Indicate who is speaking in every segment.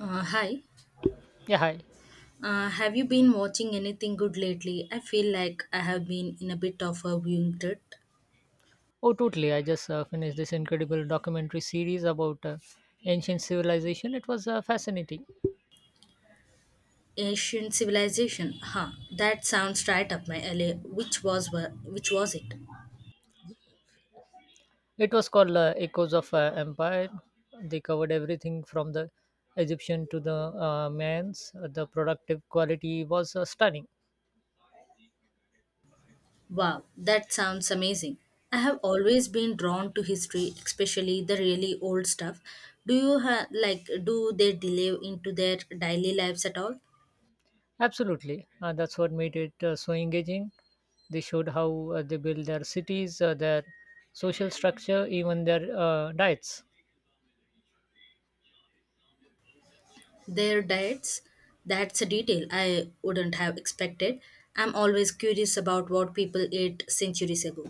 Speaker 1: Hi.
Speaker 2: Yeah, hi.
Speaker 1: Have you been watching anything good lately? I feel like I have been in a bit of a viewing trip.
Speaker 2: Oh, totally. I just finished this incredible documentary series about ancient civilization. It was fascinating.
Speaker 1: Asian civilization. Huh. That sounds right up my alley. Which was it?
Speaker 2: It was called Echoes of Empire. They covered everything from the Egyptian to the man's. The productive quality was stunning.
Speaker 1: Wow, that sounds amazing. I have always been drawn to history, especially the really old stuff. Like do they delve into their daily lives at all?
Speaker 2: Absolutely. That's what made it so engaging. They showed how they build their cities, their social structure, even their diets.
Speaker 1: Their diets, that's a detail I wouldn't have expected. I'm always curious about what people ate centuries ago.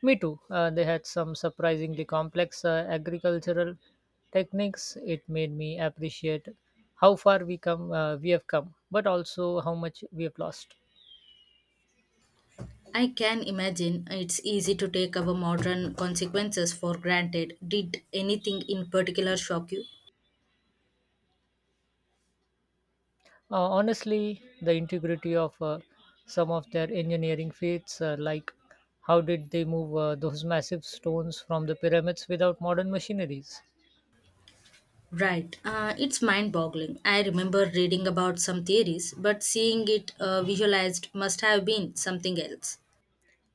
Speaker 2: Me too. They had some surprisingly complex agricultural techniques. It made me appreciate how far we come, we have come, but also how much we have lost.
Speaker 1: I can imagine it's easy to take our modern consequences for granted. Did anything in particular shock you?
Speaker 2: Honestly, the integrity of some of their engineering feats, like how did they move those massive stones from the pyramids without modern machineries?
Speaker 1: Right. It's mind boggling. I remember reading about some theories, but seeing it visualized must have been something else.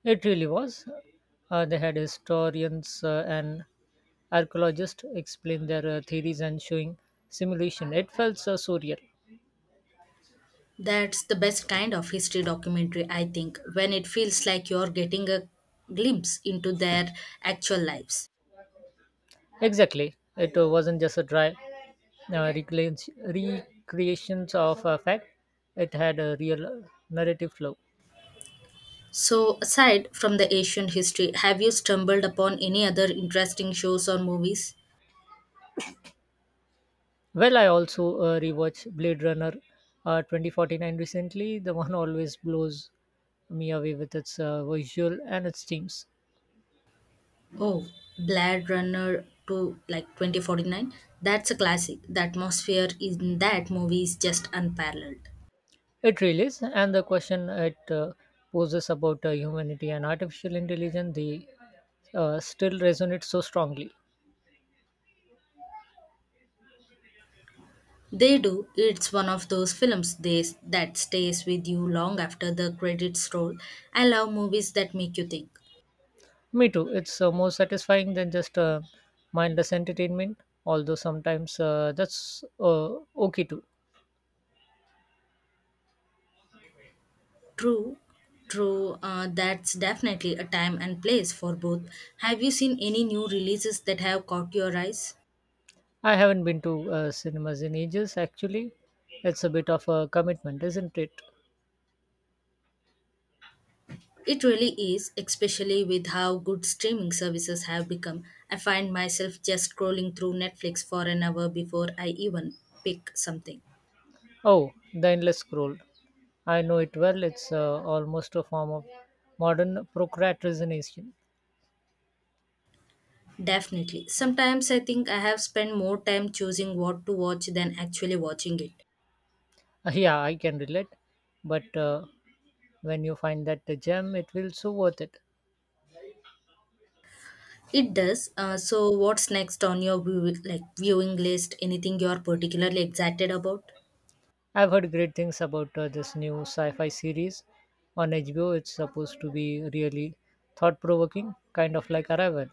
Speaker 2: It really was. They had historians and Archaeologists explained their theories and showing simulation. It felt so surreal.
Speaker 1: That's the best kind of history documentary, I think, when it feels like you're getting a glimpse into their actual lives.
Speaker 2: Exactly. It wasn't just a dry recreations of a fact, it had a real narrative flow.
Speaker 1: So, aside from the ancient history, have you stumbled upon any other interesting shows or movies?
Speaker 2: Well, I also rewatched Blade Runner 2049 recently. The one always blows me away with its visual and its themes.
Speaker 1: Oh, Blade Runner to like 2049. That's a classic. The atmosphere in that movie is just unparalleled.
Speaker 2: It really is, and the question it poses about humanity and artificial intelligence, the still resonates so strongly.
Speaker 1: They do. It's one of those films that stays with you long after the credits roll. I love movies that make you think.
Speaker 2: Me too. It's more satisfying than just mindless entertainment, although sometimes that's okay too.
Speaker 1: True, true. That's definitely a time and place for both. Have you seen any new releases that have caught your eyes?
Speaker 2: I haven't been to cinemas in ages, actually. It's a bit of a commitment, isn't it?
Speaker 1: It really is, especially with how good streaming services have become. I find myself just scrolling through Netflix for an hour before I even pick something.
Speaker 2: Oh, the endless scroll. I know it well. It's almost a form of modern procrastination.
Speaker 1: Definitely. Sometimes I think I have spent more time choosing what to watch than actually watching it.
Speaker 2: Yeah, I can relate. But when you find that the gem, it will so worth it.
Speaker 1: It does. So, what's next on your viewing list? Anything you're particularly excited about?
Speaker 2: I've heard great things about this new sci-fi series on HBO. It's supposed to be really thought-provoking, kind of like Arrival.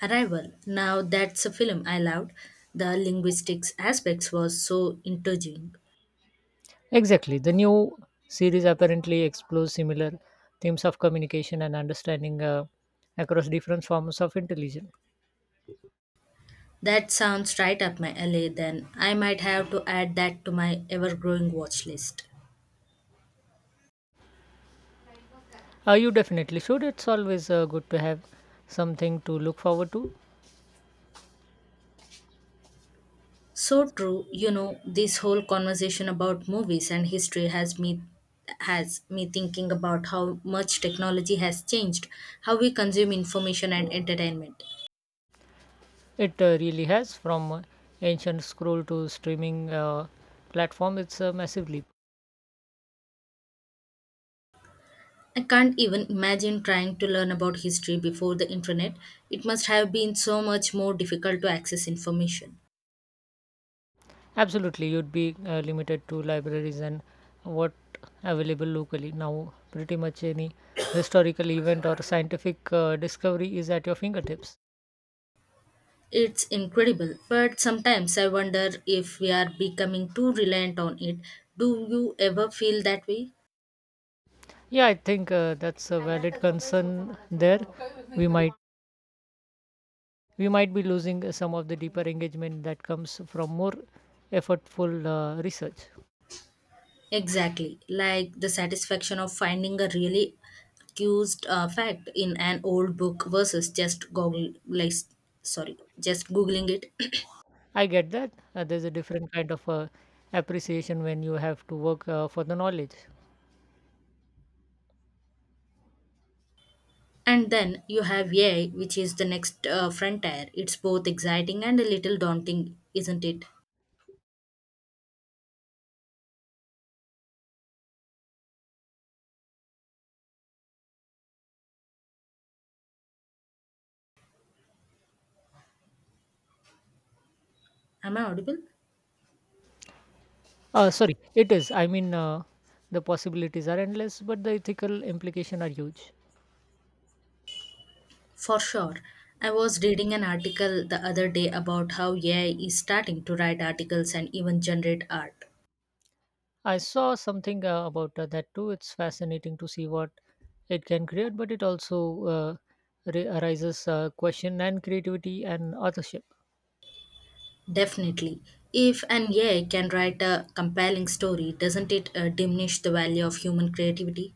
Speaker 1: Arrival. Now that's a film I loved. The linguistics aspects was so intriguing.
Speaker 2: Exactly. The new series apparently explores similar themes of communication and understanding across different forms of intelligence.
Speaker 1: That sounds right up my alley then. I might have to add that to my ever-growing watch list.
Speaker 2: You definitely should. It's always good to have something to look forward to.
Speaker 1: So true, you know, this whole conversation about movies and history has me thinking about how much technology has changed how we consume information and entertainment.
Speaker 2: It really has, from ancient scroll to streaming platform, it's a massive leap.
Speaker 1: I can't even imagine trying to learn about history before the internet. It must have been so much more difficult to access information.
Speaker 2: Absolutely, you'd be limited to libraries and what available locally. Now, pretty much any historical event or scientific discovery is at your fingertips.
Speaker 1: It's incredible, but sometimes I wonder if we are becoming too reliant on it. Do you ever feel that way?
Speaker 2: Yeah, I think that's a valid concern there. We might we might be losing some of the deeper engagement that comes from more effortful research.
Speaker 1: Exactly, like the satisfaction of finding a really accused fact in an old book versus just Google, just googling it.
Speaker 2: I get that. There's a different kind of appreciation when you have to work for the knowledge.
Speaker 1: And then you have AI, which is the next frontier. It's both exciting and a little daunting, isn't it? Am I audible?
Speaker 2: Sorry, it is. I mean, the possibilities are endless, but the ethical implication are huge.
Speaker 1: For sure. I was reading an article the other day about how AI is starting to write articles and even generate art.
Speaker 2: I saw something about that too. It's fascinating to see what it can create, but it also arises question and creativity and authorship.
Speaker 1: Definitely. If an AI can write a compelling story, doesn't it diminish the value of human creativity?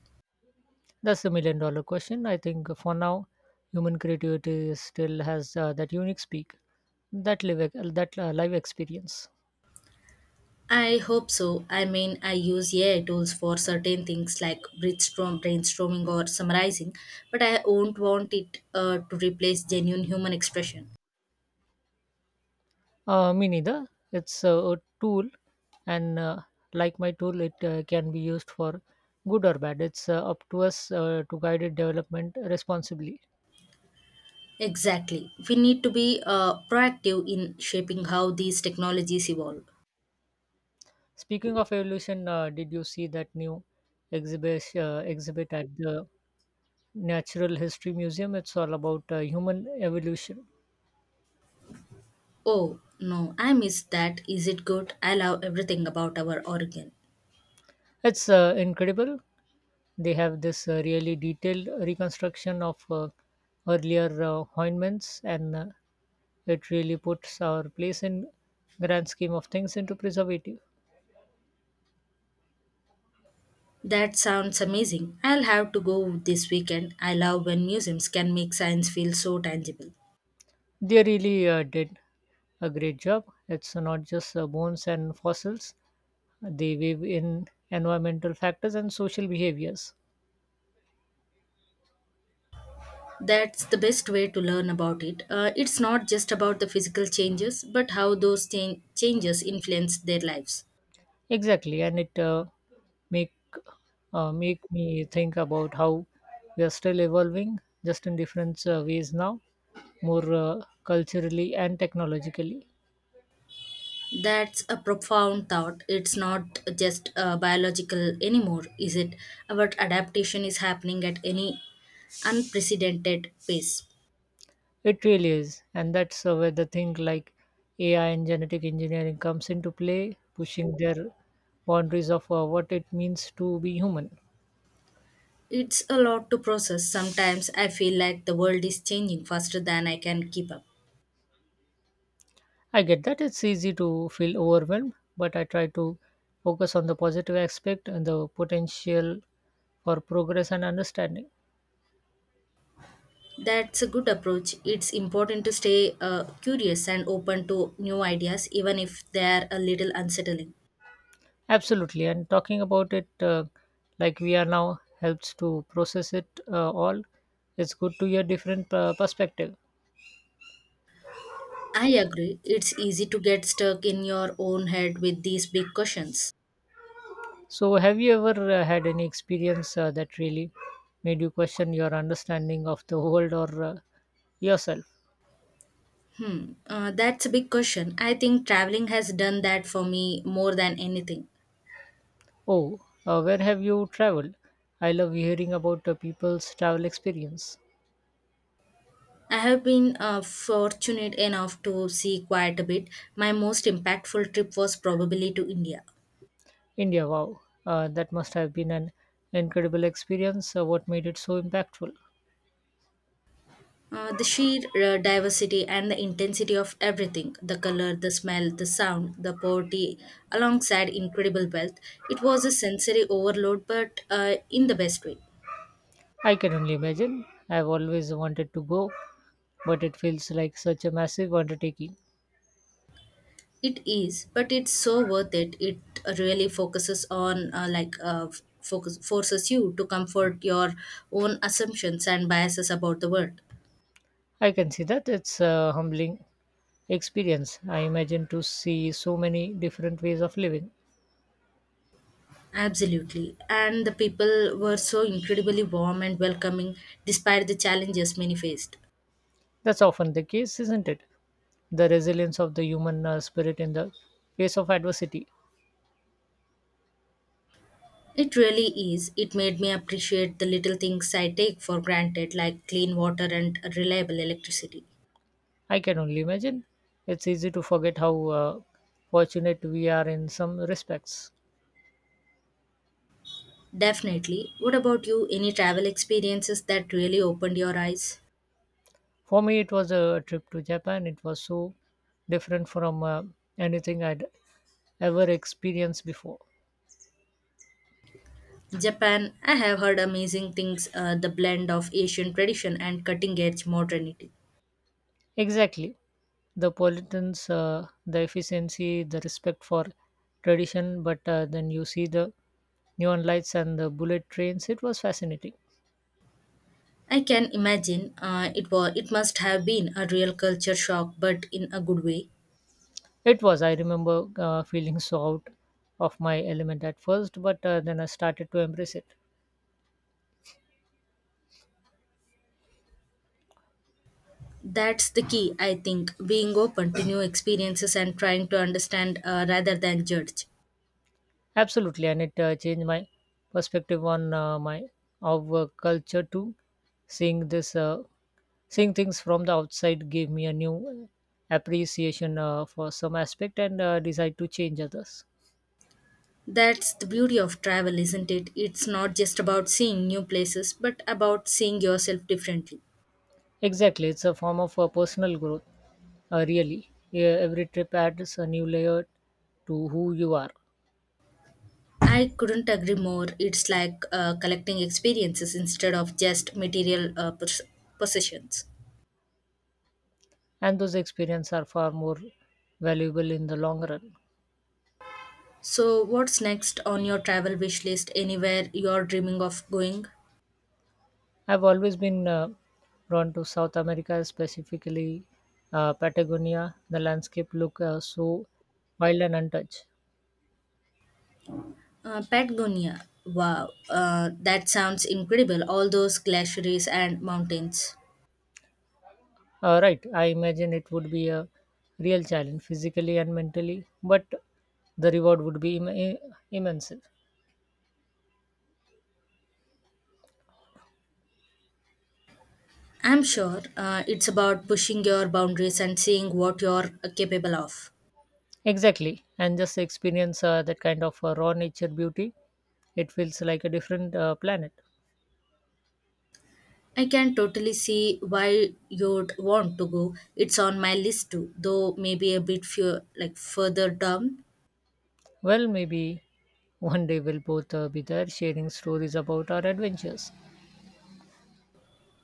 Speaker 2: That's the million-dollar question. I think for now, human creativity still has that unique speak, that live experience.
Speaker 1: I hope so. I mean, I use AI tools for certain things like brainstorming or summarizing, but I won't want it to replace genuine human expression.
Speaker 2: Me neither. It's a tool, and like my tool, it can be used for good or bad. It's up to us to guide its development responsibly.
Speaker 1: Exactly. We need to be proactive in shaping how these technologies evolve.
Speaker 2: Speaking of evolution, did you see that new exhibit at the Natural History Museum? It's all about human evolution.
Speaker 1: Oh, no, I miss that. Is it good? I love everything about our organ.
Speaker 2: It's incredible. They have this really detailed reconstruction of earlier hominins and it really puts our place in grand scheme of things into preservative.
Speaker 1: That sounds amazing. I'll have to go this weekend. I love when museums can make science feel so tangible.
Speaker 2: They really did a great job. It's not just bones and fossils; they weave in environmental factors and social behaviors.
Speaker 1: That's the best way to learn about it. It's not just about the physical changes, but how those changes influence their lives.
Speaker 2: Exactly, and it make make me think about how we are still evolving, just in different ways now, more culturally and technologically.
Speaker 1: That's a profound thought. It's not just biological anymore, is it? But adaptation is happening at any unprecedented pace.
Speaker 2: It really is, and that's where the thing like AI and genetic engineering comes into play, pushing their boundaries of what it means to be human.
Speaker 1: It's a lot to process. Sometimes I feel like the world is changing faster than I can keep up.
Speaker 2: I get that it's easy to feel overwhelmed, but I try to focus on the positive aspect and the potential for progress and understanding.
Speaker 1: That's a good approach. It's important to stay curious and open to new ideas, even if they're a little unsettling.
Speaker 2: Absolutely, and talking about it like we are now helps to process it all. It's good to hear different perspective.
Speaker 1: I agree. It's easy to get stuck in your own head with these big questions.
Speaker 2: So, have you ever had any experience that really made you question your understanding of the world or yourself?
Speaker 1: That's a big question. I think traveling has done that for me more than anything.
Speaker 2: Oh, where have you traveled? I love hearing about people's travel experience.
Speaker 1: I have been fortunate enough to see quite a bit. My most impactful trip was probably to India.
Speaker 2: India, wow, that must have been an incredible experience. What made it so impactful?
Speaker 1: The sheer diversity and the intensity of everything the color, the smell, the sound, the poverty, alongside incredible wealth. It was a sensory overload, but in the best way.
Speaker 2: I can only imagine. I've always wanted to go, but it feels like such a massive undertaking.
Speaker 1: It is, but it's so worth it. It really focuses on, like, f- focus, forces you to comfort your own assumptions and biases about the world.
Speaker 2: I can see that it's a humbling experience. I imagine to see so many different ways of living.
Speaker 1: Absolutely. And the people were so incredibly warm and welcoming despite the challenges many faced.
Speaker 2: That's often the case, isn't it? The resilience of the human spirit in the face of adversity.
Speaker 1: It really is. It made me appreciate the little things I take for granted, like clean water and reliable electricity.
Speaker 2: I can only imagine. It's easy to forget how fortunate we are in some respects.
Speaker 1: Definitely. What about you? Any travel experiences that really opened your eyes?
Speaker 2: For me, it was a trip to Japan. It was so different from anything I'd ever experienced before.
Speaker 1: Japan, I have heard amazing things the blend of Asian tradition and cutting edge modernity.
Speaker 2: Exactly. The politics, the efficiency, the respect for tradition, but then you see the neon lights and the bullet trains. It was fascinating.
Speaker 1: I can imagine it must have been a real culture shock, but in a good way.
Speaker 2: It was. I remember feeling so out of my element at first, but then I started to embrace it.
Speaker 1: That's the key, I think, being open to new experiences and trying to understand rather than judge.
Speaker 2: Absolutely, and it changed my perspective on my our culture too. Seeing this, uh, seeing things from the outside gave me a new appreciation for some aspect and decide to change others.
Speaker 1: That's the beauty of travel, isn't it? It's not just about seeing new places, but about seeing yourself differently.
Speaker 2: Exactly, it's a form of personal growth. Really, yeah, every trip adds a new layer to who you are,
Speaker 1: I couldn't agree more. It's like collecting experiences instead of just material possessions.
Speaker 2: and those experiences are far more valuable in the long run.
Speaker 1: So, what's next on your travel wish list? Anywhere you're dreaming of going?
Speaker 2: I've always been drawn to South America, specifically Patagonia. The landscape look so wild and untouched.
Speaker 1: Patagonia. Wow, that sounds incredible. All those glaciers and mountains.
Speaker 2: Right, I imagine it would be a real challenge physically and mentally, but the reward would be immense.
Speaker 1: I'm sure it's about pushing your boundaries and seeing what you're capable of.
Speaker 2: Exactly, and just experience that kind of raw nature beauty. It feels like a different planet.
Speaker 1: I can totally see why you'd want to go. It's on my list too, though maybe a bit few, like further down.
Speaker 2: Well, maybe one day we'll both be there sharing stories about our adventures.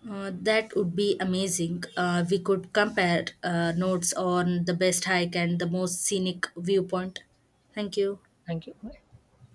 Speaker 1: That would be amazing. We could compare notes on the best hike and the most scenic viewpoint. Thank you.
Speaker 2: Thank you. Bye.